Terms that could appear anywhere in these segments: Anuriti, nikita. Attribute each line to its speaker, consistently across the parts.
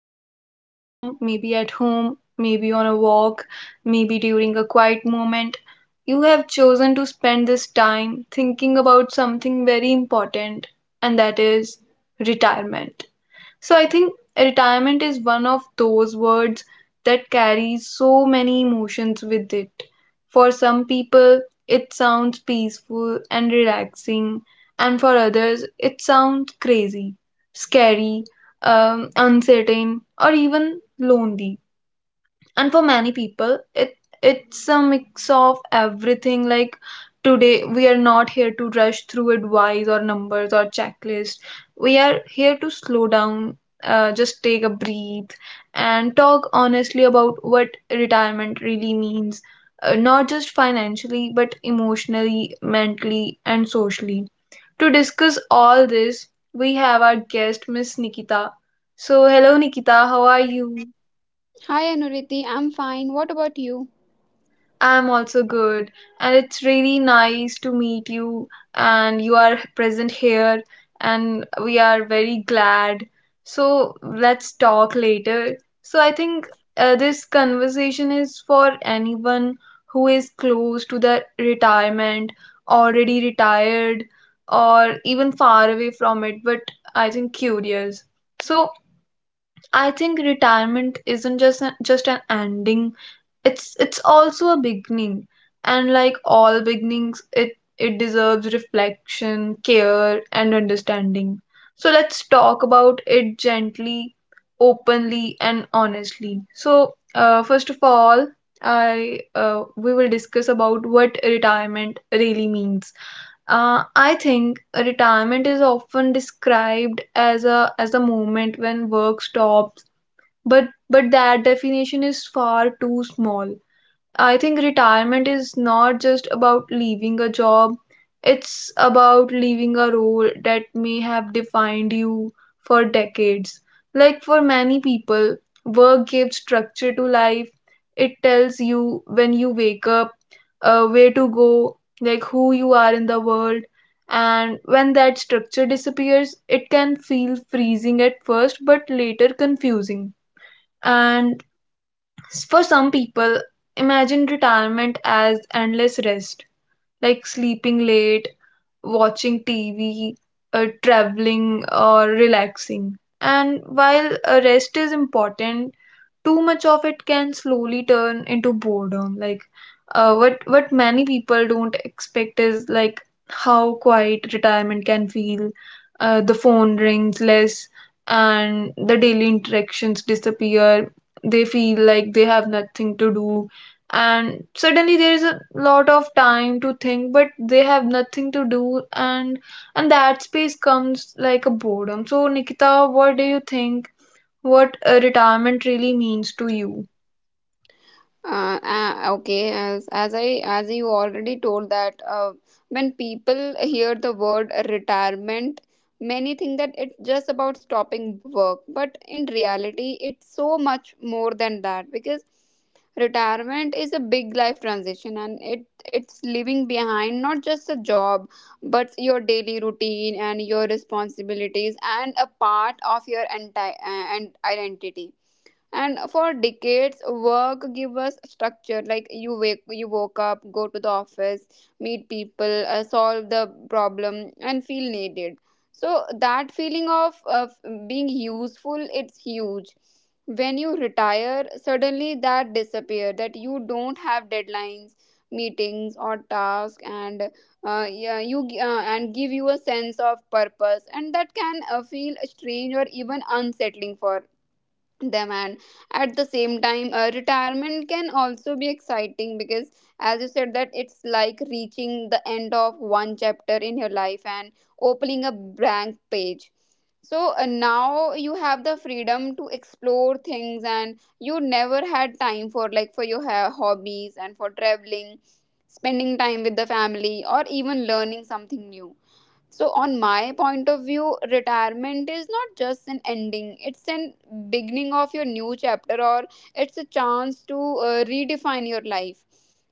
Speaker 1: are listening from, maybe at home, maybe on a walk, maybe during a quiet moment, you have chosen to spend this time thinking about something very important, and that is retirement. So I think retirement is one of those words that carries so many emotions with it. For some people, it sounds peaceful and relaxing, and for others, it sounds crazy, scary, uncertain, or even lonely. And for many people, it's a mix of everything. Like, today we are not here to rush through advice or numbers or checklist. We are here to slow down, just take a breathe and talk honestly about what retirement really means. Not just financially, but emotionally, mentally, and socially. To discuss all this, we have our guest Miss Nikita. So hello Nikita, how are you?
Speaker 2: Hi Anuriti, I'm fine. What about you?
Speaker 1: I'm also good, and it's really nice to meet you. And you are present here, and we are very glad. So, let's talk later. So, I think this conversation is for anyone who is close to their retirement, already retired, or even far away from it, but I think curious. So, I think retirement isn't just an ending. It's also a beginning, and like all beginnings, it deserves reflection, care, and understanding. So let's talk about it gently, openly, and honestly. So first of all, I we will discuss about what retirement really means. I think retirement is often described as a moment when work stops, but that definition is far too small. I think retirement is not just about leaving a job, it's about leaving a role that may have defined you for decades. Like for many people, work gives structure to life. It tells you when you wake up, where to go, like who you are in the world. And when that structure disappears, it can feel freezing at first, but later confusing. And for some people, imagine retirement as endless rest, like sleeping late, watching TV, traveling, or relaxing. And while rest is important, too much of it can slowly turn into boredom. Like, what many people don't expect is like how quiet retirement can feel. The phone rings less, and the daily interactions disappear. They feel like they have nothing to do, and suddenly there is a lot of time to think, but they have nothing to do. And that space comes like a boredom. So Nikita, what do you think, what retirement really means to you?
Speaker 2: Okay, as you already told that when people hear the word retirement, many think that it's just about stopping work, but in reality, it's so much more than that because retirement is a big life transition and it's leaving behind not just a job but your daily routine and your responsibilities and a part of your entire and identity. And for decades work give us structure, like you woke up, go to the office, meet people, solve the problem and feel needed. So that feeling of being useful, it's huge. When you retire suddenly that disappear, that you don't have deadlines, meetings or tasks, and yeah, and give you a sense of purpose, and that can feel strange or even unsettling for them. And at the same time, retirement can also be exciting because, as you said, that it's like reaching the end of one chapter in your life and opening a blank page. So now you have the freedom to explore things and you never had time for, like for your hobbies and for traveling, spending time with the family or even learning something new. So, on my point of view, retirement is not just an ending, it's an beginning of your new chapter, or it's a chance to redefine your life,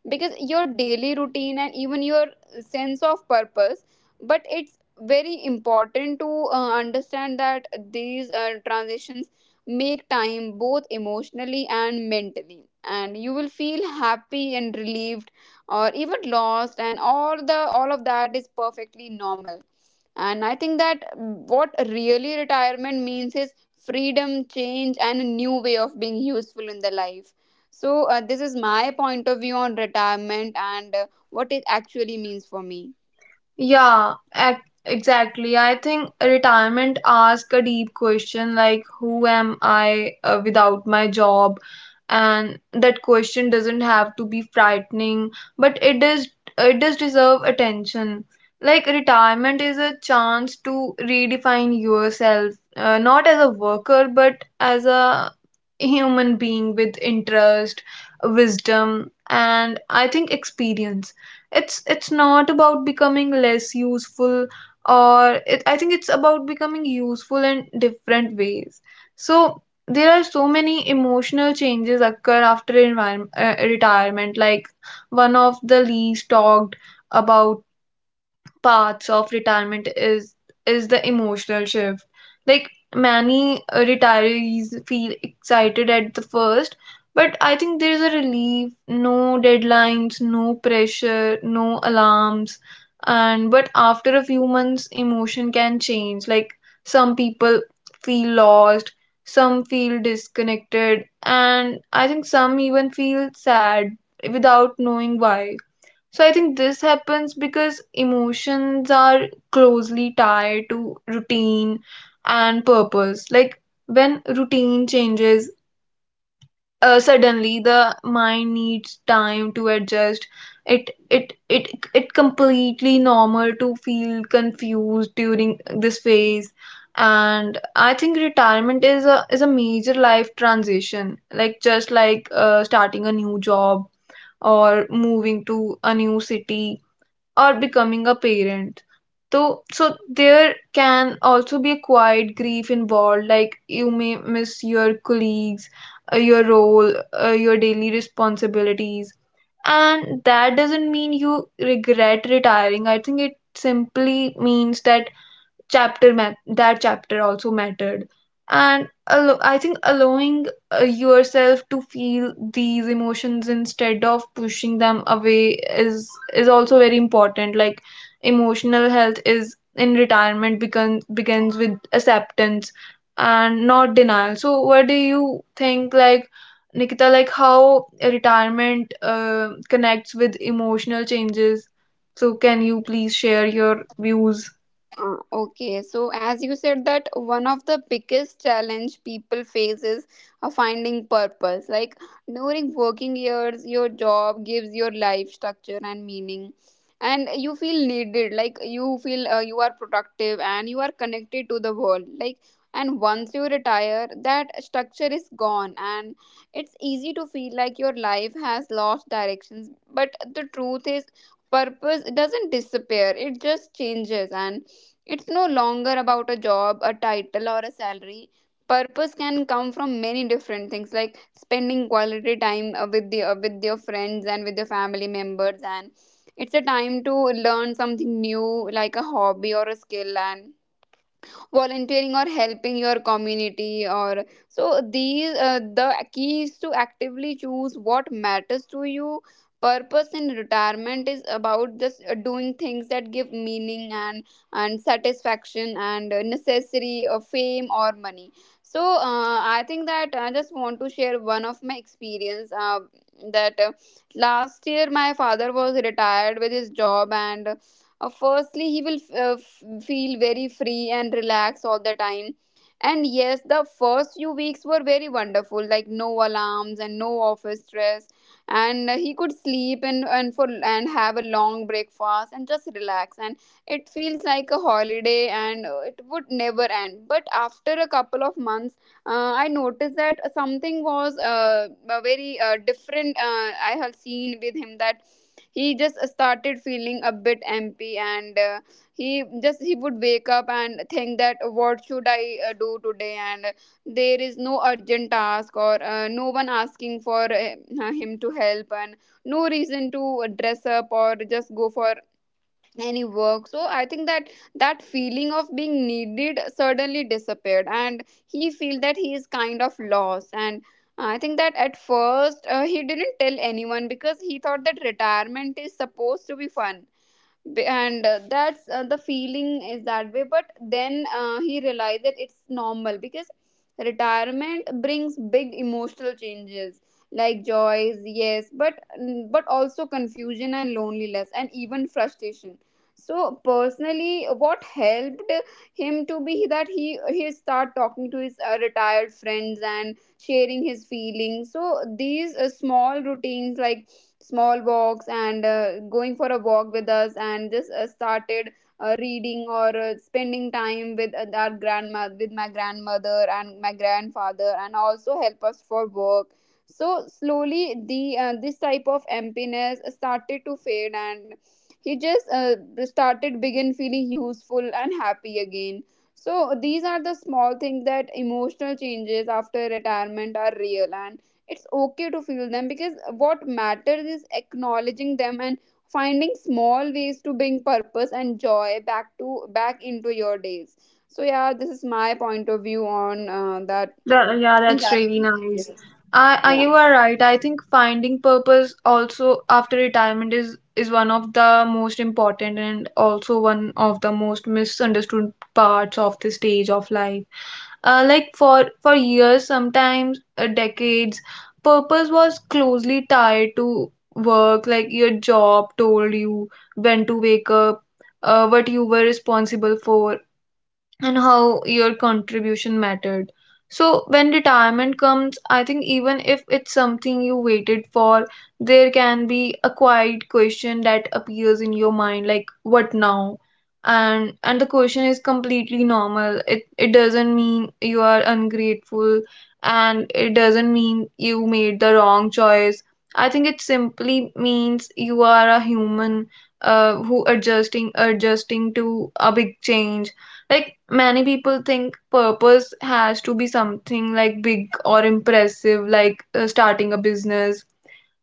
Speaker 2: because your daily routine and even your sense of purpose. But it's very important to understand that these transitions make time both emotionally and mentally, and you will feel happy and relieved or even lost, and all of that is perfectly normal. And I think that what really retirement means is freedom, change, and a new way of being useful in the life. So, this is my point of view on retirement and what it actually means for me.
Speaker 1: Yeah, exactly. I think retirement asks a deep question like, who am I without my job? And that question doesn't have to be frightening, but it does deserve attention. Like, retirement is a chance to redefine yourself, not as a worker, but as a human being with interest, wisdom, and I think experience. It's not about becoming less useful, or I think it's about becoming useful in different ways. So there are so many emotional changes occur after retirement. Like one of the least talked about parts of retirement is the emotional shift. Like many retirees feel excited at the first, but I think there's a relief, no deadlines, no pressure, no alarms. And but after a few months, emotion can change. Like some people feel lost, some feel disconnected, and I think some even feel sad without knowing why. So I think this happens because emotions are closely tied to routine and purpose. Like when routine changes, suddenly the mind needs time to adjust. It it it it completely normal to feel confused during this phase. And I think retirement is a major life transition, like just like starting a new job or moving to a new city or becoming a parent. So, so there can also be a quiet grief involved, like you may miss your colleagues, your role, your daily responsibilities. And that doesn't mean you regret retiring. I think it simply means that that chapter also mattered. And I think allowing yourself to feel these emotions instead of pushing them away is also very important. Like, emotional health is in retirement begins with acceptance and not denial. So what do you think, like Nikita, like how retirement connects with emotional changes? So can you please share your views?
Speaker 2: Okay, so as you said, that one of the biggest challenge people face is finding purpose. Like during working years, your job gives your life structure and meaning, and you feel needed. Like you feel you are productive and you are connected to the world. Like, and once you retire, that structure is gone, and it's easy to feel like your life has lost directions. But the truth is, purpose doesn't disappear; it just changes, and it's no longer about a job, a title, or a salary. Purpose can come from many different things, like spending quality time with your friends and with your family members, and it's a time to learn something new, like a hobby or a skill, and volunteering or helping your community. Or so these the key is to actively choose what matters to you. Purpose in retirement is about just doing things that give meaning and satisfaction, and necessary fame or money. So I think that I just want to share one of my experience, that last year my father was retired with his job. And firstly, he will feel very free and relaxed all the time. And yes, the first few weeks were very wonderful, like no alarms and no office stress, and he could sleep and for and have a long breakfast and just relax. And it feels like a holiday, and it would never end. But after a couple of months, I noticed that something was a very different. I have seen with him that he just started feeling a bit empty, and he would wake up and think that what should I do today, and there is no urgent task or no one asking for him to help, and no reason to dress up or just go for any work. So I think that that feeling of being needed suddenly disappeared, and he feel that he is kind of lost. And I think that at first he didn't tell anyone because he thought that retirement is supposed to be fun. B- and That's the feeling is that way, but then he realized that it's normal, because retirement brings big emotional changes, like joys, yes, but but also confusion and loneliness and even frustration. So personally what helped him to be that he start talking to his retired friends and sharing his feelings. So these small routines, like small walks and going for a walk with us and just started reading or spending time with our grandmother with my grandmother and my grandfather, and also help us for work. So slowly the this type of emptiness started to fade, and he just started begin feeling useful and happy again. So these are the small things, that emotional changes after retirement are real, and it's okay to feel them, because what matters is acknowledging them and finding small ways to bring purpose and joy back into your days. So yeah, this is my point of view on that
Speaker 1: That, yeah, that's really
Speaker 2: challenges you
Speaker 1: nice.
Speaker 2: face. Yeah
Speaker 1: You are right. I think finding purpose also after retirement is one of the most important and also one of the most misunderstood parts of the stage of life. Like for years, sometimes decades, purpose was closely tied to work. Like your job told you when to wake up, what you were responsible for, and how your contribution mattered. So, when retirement comes, I think even if it's something you waited for, there can be a quiet question that appears in your mind like, what now? And the question is completely normal. It doesn't mean you are ungrateful, and it doesn't mean you made the wrong choice. I think it simply means you are a human who adjusting to a big change. Like many people think purpose has to be something like big or impressive, like starting a business,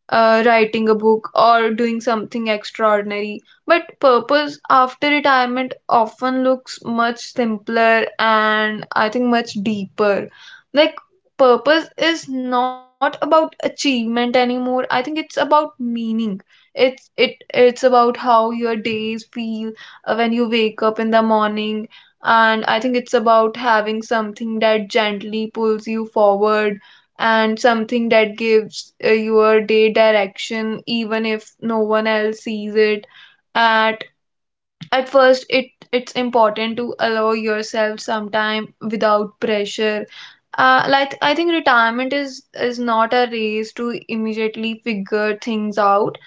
Speaker 1: writing a book or doing something extraordinary. But purpose after retirement often looks much simpler and I think much deeper. Like, purpose is not about achievement anymore, I think it's about meaning. It's about how your days feel when you wake up in the morning, and I think it's about having something that gently pulls you forward, and something that gives your day direction, even if no one else sees it. At at first it's important to allow yourself some time without pressure. Like, I think retirement is not a race to immediately figure things out.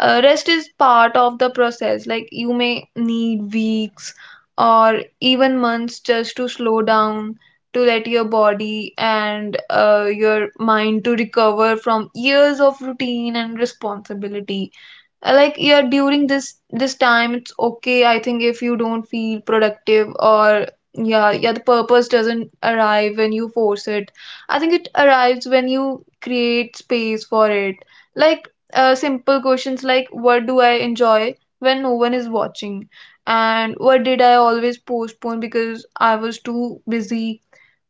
Speaker 1: Uh, rest is part of the process. Like you may need weeks or even months just to slow down, to let your body and your mind to recover from years of routine and responsibility. Like, yeah, during this time it's okay, I think if you don't feel productive or yeah, yeah, the purpose doesn't arrive when you force it. I think it arrives when you create space for it. Like, simple questions like, what do I enjoy when no one is watching, and what did I always postpone because I was too busy,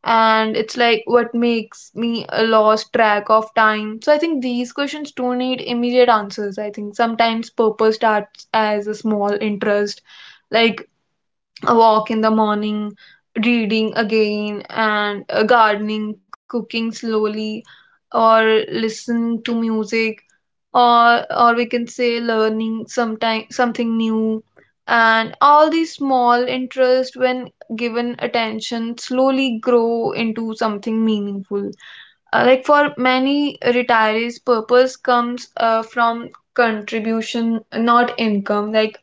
Speaker 1: and it's like what makes me a lost track of time. So I think these questions don't need immediate answers. I think sometimes purpose starts as a small interest, like a walk in the morning, reading again, and gardening, cooking slowly, or listening to music, or we can say learning sometime something new. And all these small interests, when given attention, slowly grow into something meaningful. Like for many retirees, purpose comes from contribution, not income. Like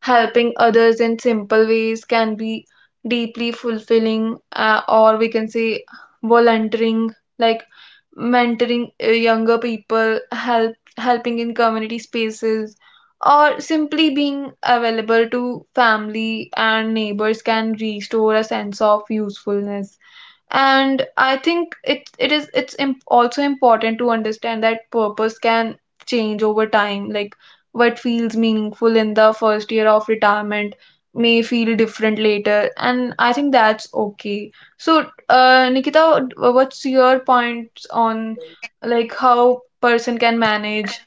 Speaker 1: helping others in simple ways can be deeply fulfilling, or we can say volunteering. Like mentoring younger people, helping in community spaces, or simply being available to family and neighbors can restore a sense of usefulness. And I think it it is it's imp- also important to understand that purpose can change over time. Like what feels meaningful in the first year of retirement may feel different later, and I think that's okay. So Nikita, what's your point on like how person can manage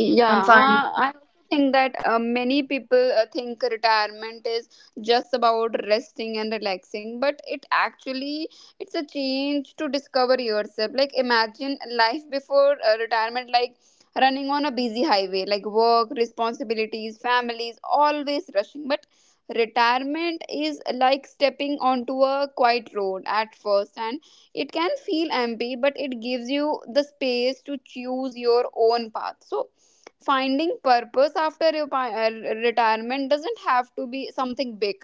Speaker 2: Yeah,
Speaker 1: and find?
Speaker 2: I also think that many people think retirement is just about resting and relaxing, but it actually it's a change to discover yourself. Like imagine life before retirement, like running on a busy highway, like work, responsibilities, families, always rushing. But retirement is like stepping onto a quiet road at first, and it can feel empty, but it gives you the space to choose your own path. So finding purpose after retirement doesn't have to be something big,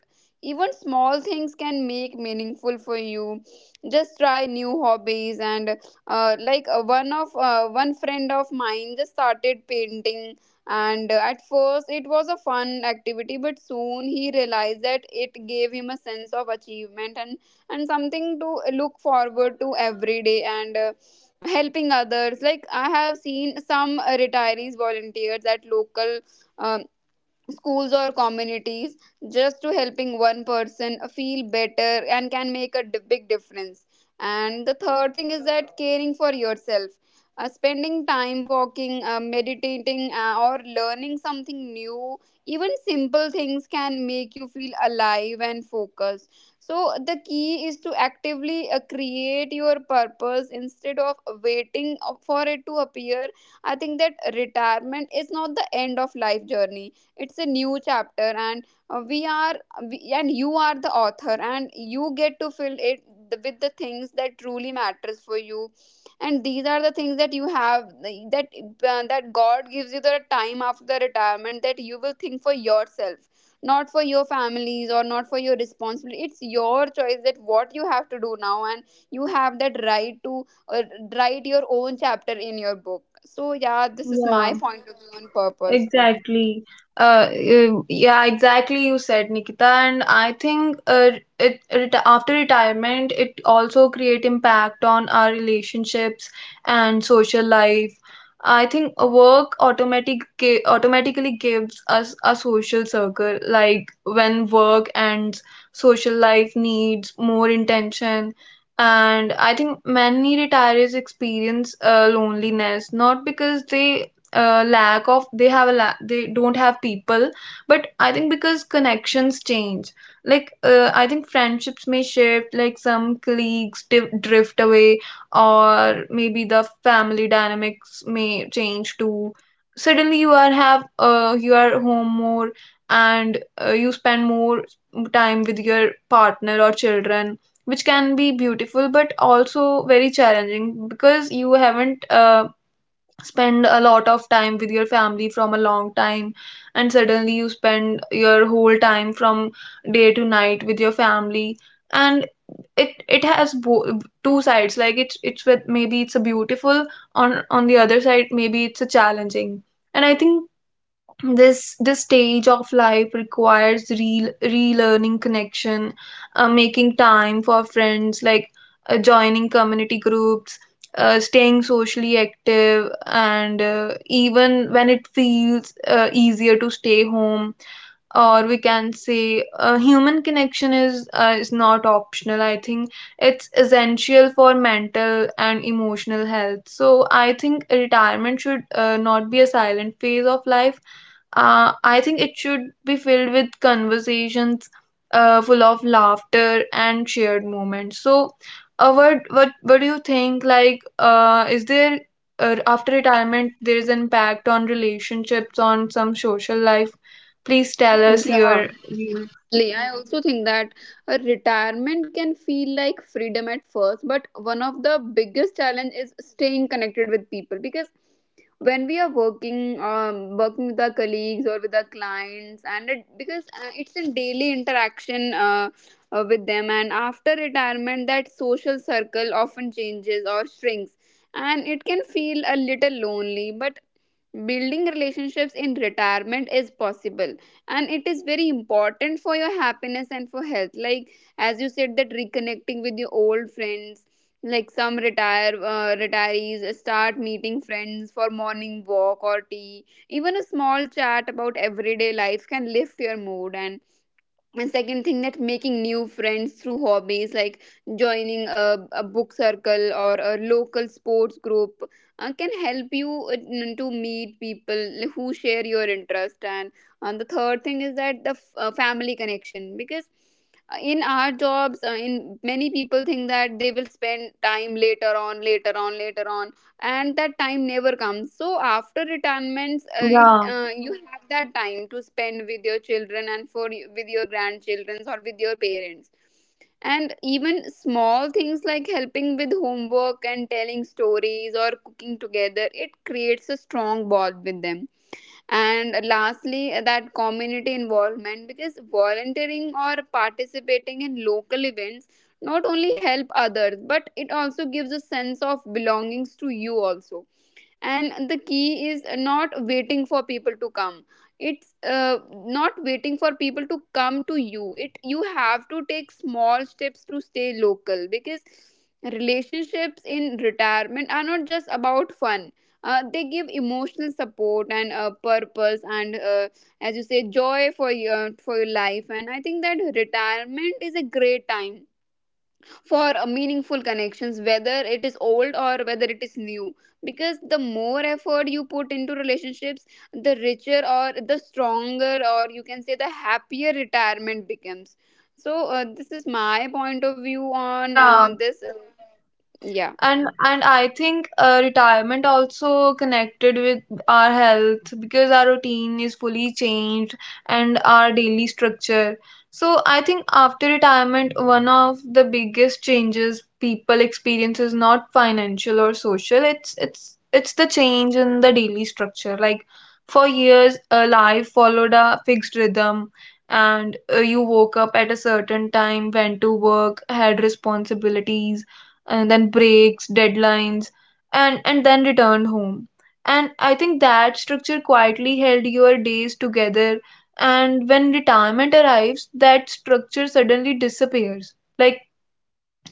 Speaker 2: even small things can make meaningful for you. Just try new hobbies, and one friend of mine just started painting, and at first it was a fun activity, but soon he realized that it gave him a sense of achievement and something to look forward to every day. And helping others, like I have seen some retirees volunteers at local um, schools or communities, just to helping one person feel better and can make a big difference. And the third thing is that caring for yourself, spending time walking, meditating, or learning something new. Even simple things can make you feel alive and focused. So the key is to actively create your purpose instead of waiting for it to appear. I think that retirement is not the end of life journey, it's a new chapter, and uh, we are you are the author and you get to fill it with the things that truly matters for you. And these are the things that you have that that god gives you the time after the retirement, that you will think for yourself, not for your families or not for your responsibility. It's your choice that what you have to do now, and you have that right to write your own chapter in your book. So yeah, this is my
Speaker 1: Yeah,
Speaker 2: point of view on purpose.
Speaker 1: exactly. Yeah, exactly. You said, Nikita, and I think it after retirement, it also create impact on our relationships and social life. I think work automatic automatically gives us a social circle. Like when work ends, social life needs more intention. And I think many retirees experience loneliness not because they lack of they have a la- they don't have people but I think because connections change. Like I think friendships may shift, like some colleagues drift away, or maybe the family dynamics may change too. Suddenly you are have you are home more, and you spend more time with your partner or children, which can be beautiful but also very challenging because you haven't spend a lot of time with your family from a long time, and suddenly you spend your whole time from day to night with your family. And it has two sides. Like it's with, maybe it's a beautiful, on the other side maybe it's a challenging. And I think this stage of life requires relearning connection, making time for friends, like joining community groups, staying socially active, and even when it feels easier to stay home, or we can say, human connection is not optional. I think it's essential for mental and emotional health. So I think retirement should not be a silent phase of life. I think it should be filled with conversations, full of laughter and shared moments. So, what do you think? Like, is there, after retirement there is impact on relationships, on some social life? Please tell us
Speaker 2: Yeah,
Speaker 1: your views.
Speaker 2: absolutely. I also think that a retirement can feel like freedom at first, but one of the biggest challenge is staying connected with people, because when we are working, working with our colleagues or with our clients, and it, because it's in daily interaction with them, and after retirement that social circle often changes or shrinks, and it can feel a little lonely. But building relationships in retirement is possible, and it is very important for your happiness and for health. Like, as you said, that reconnecting with your old friends, like some retirees start meeting friends for morning walk or tea, even a small chat about everyday life can lift your mood. And second thing that making new friends through hobbies, like joining a book circle or a local sports group, can help you to meet people who share your interest. And the third thing is that the family connection, because in our jobs in many people think that they will spend time later on, and that time never comes. So after retirements
Speaker 1: Yeah,
Speaker 2: you have that time to spend with your children and for with your grandchildren or with your parents. And even small things like helping with homework and telling stories or cooking together, it creates a strong bond with them. And lastly, that community involvement, because volunteering or participating in local events not only help others but it also gives a sense of belongings to you also. And the key is not waiting for people to come, it's not waiting for people to come to you. It you have to take small steps to stay local, because Relationships in retirement are not just about fun. They give emotional support and purpose, and as you say, joy for your life. And I think that retirement is a great time for a meaningful connections, whether it is old or whether it is new, because the more effort you put into relationships, the richer or the stronger, or you can say the happier retirement becomes. So this is my point of view on
Speaker 1: yeah.
Speaker 2: this Yeah.
Speaker 1: And I think retirement also connected with our health, because our routine is fully changed and our daily structure. So I think after retirement, one of the biggest changes people experience is not financial or social. It's the change in the daily structure. Like for years, life followed a fixed rhythm. And you woke up at a certain time, went to work, had responsibilities and then breaks, deadlines, and then returned home. And I think that structure quietly held your days together. And when retirement arrives, that structure suddenly disappears. Like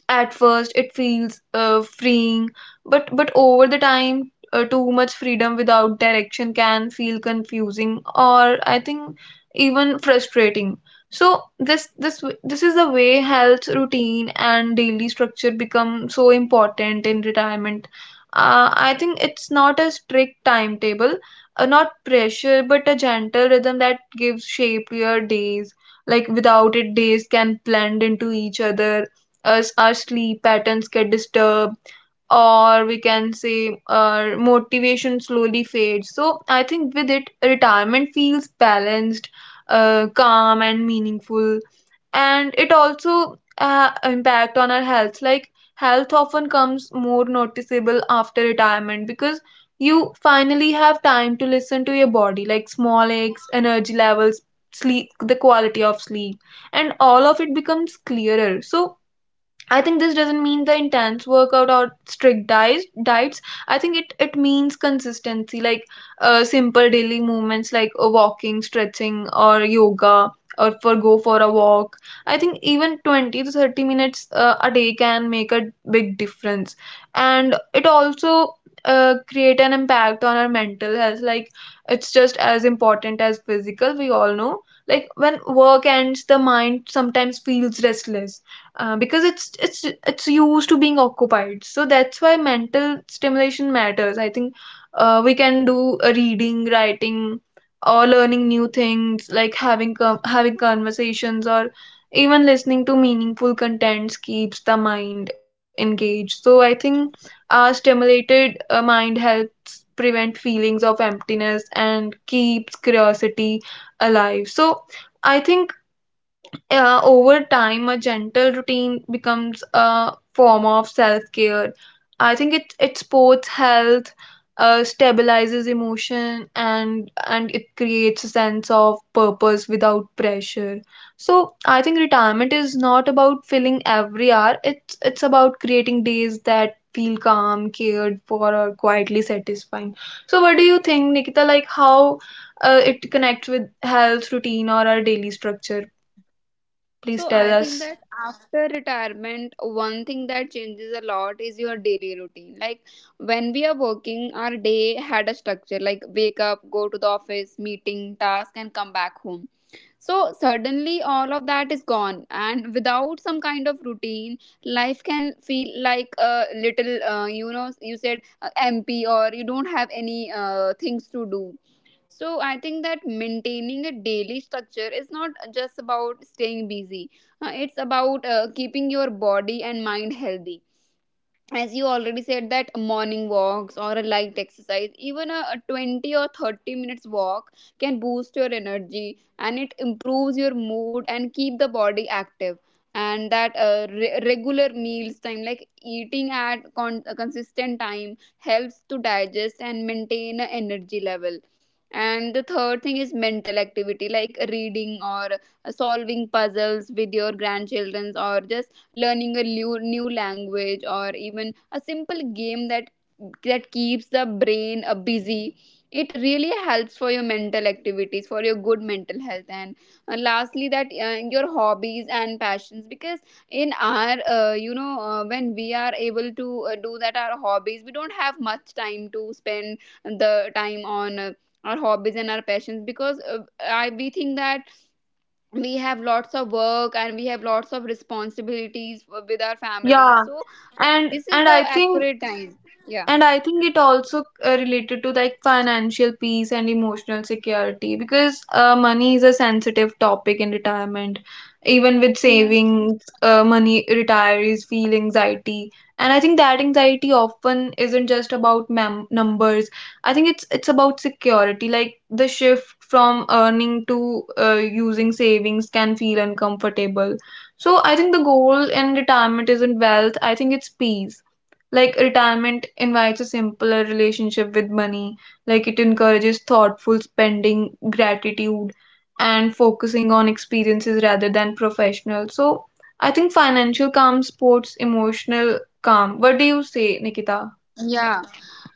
Speaker 1: at first it feels freeing, but over the time too much freedom without direction can feel confusing or, I think, even frustrating. So this is the way health routine and daily structure become so important in retirement. I think it's not a strict timetable, not pressure, but a gentle rhythm that gives shape to your days. Like without it, days can blend into each other, us our sleep patterns get disturbed, or we can say our motivation slowly fades. So I think with it retirement feels balanced, calm and meaningful. And it also impact on our health. Like health often comes more noticeable after retirement because you finally have time to listen to your body, like small aches, energy levels, sleep, the quality of sleep, and all of it becomes clearer. So I think this doesn't mean the intense workout or strict diets. Diets. I think it means consistency, like simple daily movements like walking, stretching, or yoga, or for go for a walk. I think even 20 to 30 minutes a day can make a big difference, and it also create an impact on our mental health. Like it's just as important as physical. We all know. Like when work ends, the mind sometimes feels restless because it's used to being occupied. So that's why mental stimulation matters. I think we can do a reading, writing, or learning new things, like having conversations, or even listening to meaningful contents keeps the mind engaged. So I think our stimulated mind helps prevent feelings of emptiness and keeps curiosity alive. So I think over time, a gentle routine becomes a form of self care. I think it supports health, stabilizes emotion, and it creates a sense of purpose without pressure. So I think retirement is not about filling every hour. It's about creating days that feel calm, cared for, or quietly satisfying. So what do you think, Nikita? Like how it connects with health routine or our daily structure? Please
Speaker 2: So
Speaker 1: tell
Speaker 2: I think
Speaker 1: us.
Speaker 2: that after retirement, one thing that changes a lot is your daily routine. Like, when we are working, our day had a structure, like wake up, go to the office, meeting, task, and come back home. So suddenly all of that is gone, and without some kind of routine, life can feel like a little, you know, you said MP, or you don't have any things to do. So I think that maintaining a daily structure is not just about staying busy. It's about keeping your body and mind healthy. As you already said, that morning walks or a light exercise, even a 20 or 30 minutes walk, can boost your energy, and it improves your mood and keep the body active. And that regular meals time, like eating at a consistent time, helps to digest and maintain a energy level. And the third thing is mental activity, like reading or solving puzzles with your grandchildren, or just learning a new language, or even a simple game, that keeps the brain busy. It really helps for your mental activities, for your good mental health. And lastly, that your hobbies and passions, because in our you know, when we are able to do that, our hobbies, we don't have much time to spend the time on our hobbies and our passions, because we think that we have lots of work and we have lots of responsibilities with our families.
Speaker 1: Yeah,
Speaker 2: So
Speaker 1: and
Speaker 2: this is
Speaker 1: and
Speaker 2: the
Speaker 1: I think
Speaker 2: accurate time. Yeah.
Speaker 1: and I think it also related to like financial peace and emotional security, because money is a sensitive topic in retirement. Even with
Speaker 2: Yeah.
Speaker 1: savings, money retirees feel anxiety, and I think that anxiety often isn't just about numbers. I think it's about security. Like the shift from earning to using savings can feel uncomfortable. So I think the goal in retirement isn't wealth. I think it's peace, like retirement invites a simpler relationship with money, like it encourages thoughtful spending, gratitude, and focusing on experiences rather than professional. So I think financial calm supports emotional calm. What do you say, Nikita?
Speaker 2: Yeah,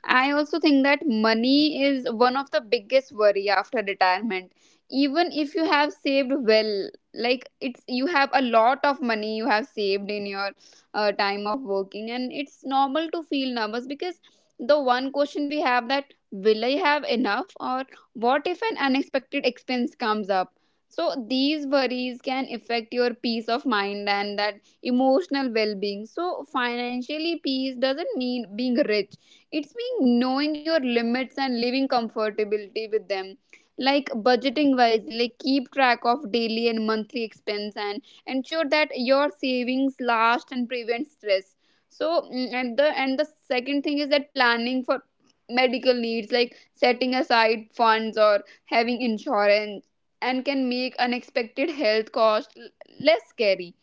Speaker 2: I also think that money is one of the biggest worry after retirement. Even if you have saved well, like, it's you have a lot of money you have saved in your time of working, and it's normal to feel nervous, because the one question we have, that will I have enough, or what if an unexpected expense comes up. So these worries can affect your peace of mind and that emotional well-being. So financially peace doesn't mean being rich, it's being knowing your limits and living comfortability with them. Like, budgeting wisely, like keep track of daily and monthly expense, and ensure that your savings last and prevent stress. So, and the second thing is that planning for medical needs, like setting aside funds or having insurance, and can make unexpected health costs less scary.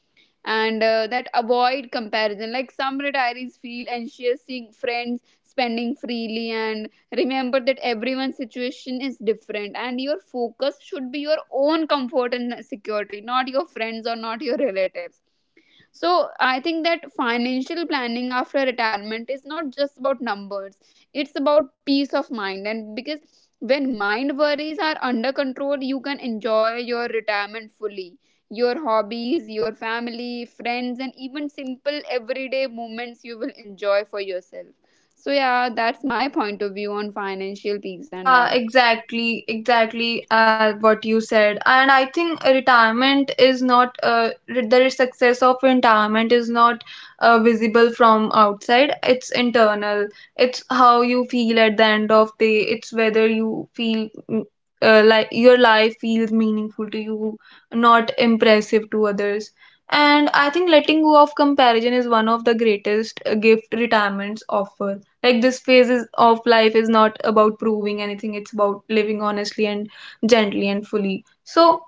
Speaker 2: And that, avoid comparison. Like, some retirees feel anxious seeing friends spending freely, and remember that everyone's situation is different, and your focus should be your own comfort and security, not your friends or not your relatives. So I think that financial planning after retirement is not just about numbers. It's about peace of mind. And because when mind worries are under control, you can enjoy your retirement fully. Your hobbies, your family, friends, and even simple everyday moments you will enjoy for yourself. So yeah, that's my point of view on financial peace and
Speaker 1: Yeah,
Speaker 2: that.
Speaker 1: exactly, exactly, what you said. And I think retirement is not, the success of retirement is not visible from outside. It's internal. It's how you feel at the end of day. It's whether you feel mm, like your life feels meaningful to you, not impressive to others. And I think letting go of comparison is one of the greatest gift retirements offer. Like this phase is, of life, is not about proving anything. It's about living honestly and gently and fully. So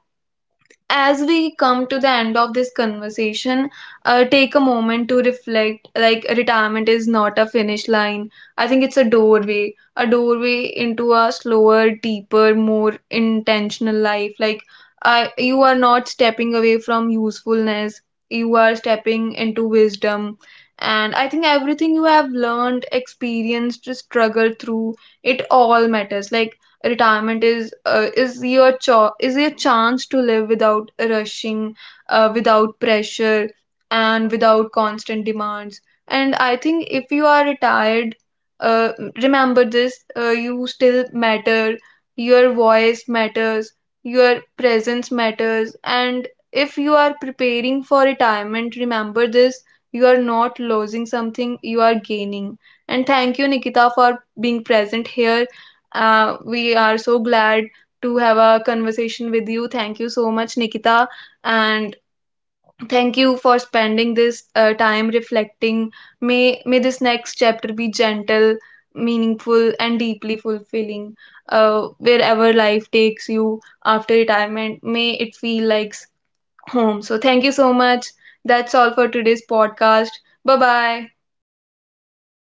Speaker 1: as we come to the end of this conversation, take a moment to reflect. Like, retirement is not a finish line. I think it's a doorway into a slower, deeper, more intentional life. Like, I, you are not stepping away from usefulness, you are stepping into wisdom. And I think everything you have learned, experienced, struggled through, it all matters. Like, retirement is your is your chance to live without rushing, without pressure, and without constant demands. And I think if you are retired, uh, remember this, you still matter, your voice matters, your presence matters. And if you are preparing for retirement, remember this: you are not losing something, you are gaining. And thank you, Nikita, for being present here. We are so glad to have a
Speaker 2: Thank you so
Speaker 1: conversation
Speaker 2: much,
Speaker 1: with you. Thank
Speaker 2: Anuriti,
Speaker 1: you so
Speaker 2: for
Speaker 1: much,
Speaker 2: inviting.
Speaker 1: Nikita, and
Speaker 2: Yeah,
Speaker 1: thank you
Speaker 2: thank
Speaker 1: for
Speaker 2: you for
Speaker 1: spending
Speaker 2: inviting
Speaker 1: this
Speaker 2: me.
Speaker 1: time reflecting. May this
Speaker 2: Yeah,
Speaker 1: next
Speaker 2: yeah.
Speaker 1: chapter be
Speaker 2: I
Speaker 1: gentle,
Speaker 2: just want to add one
Speaker 1: meaningful,
Speaker 2: thing
Speaker 1: and
Speaker 2: to
Speaker 1: deeply
Speaker 2: it, may I?
Speaker 1: fulfilling. Wherever life takes you
Speaker 2: Yeah. So I
Speaker 1: after
Speaker 2: think that
Speaker 1: retirement, may it
Speaker 2: retirement is
Speaker 1: feel
Speaker 2: not
Speaker 1: like
Speaker 2: the end of life,
Speaker 1: home.
Speaker 2: it's
Speaker 1: So
Speaker 2: the
Speaker 1: thank you
Speaker 2: start
Speaker 1: so
Speaker 2: of your
Speaker 1: much.
Speaker 2: new
Speaker 1: That's
Speaker 2: chapter.
Speaker 1: all for today's
Speaker 2: So,
Speaker 1: podcast.
Speaker 2: yeah,
Speaker 1: Bye
Speaker 2: this
Speaker 1: bye.
Speaker 2: is from my side, and thank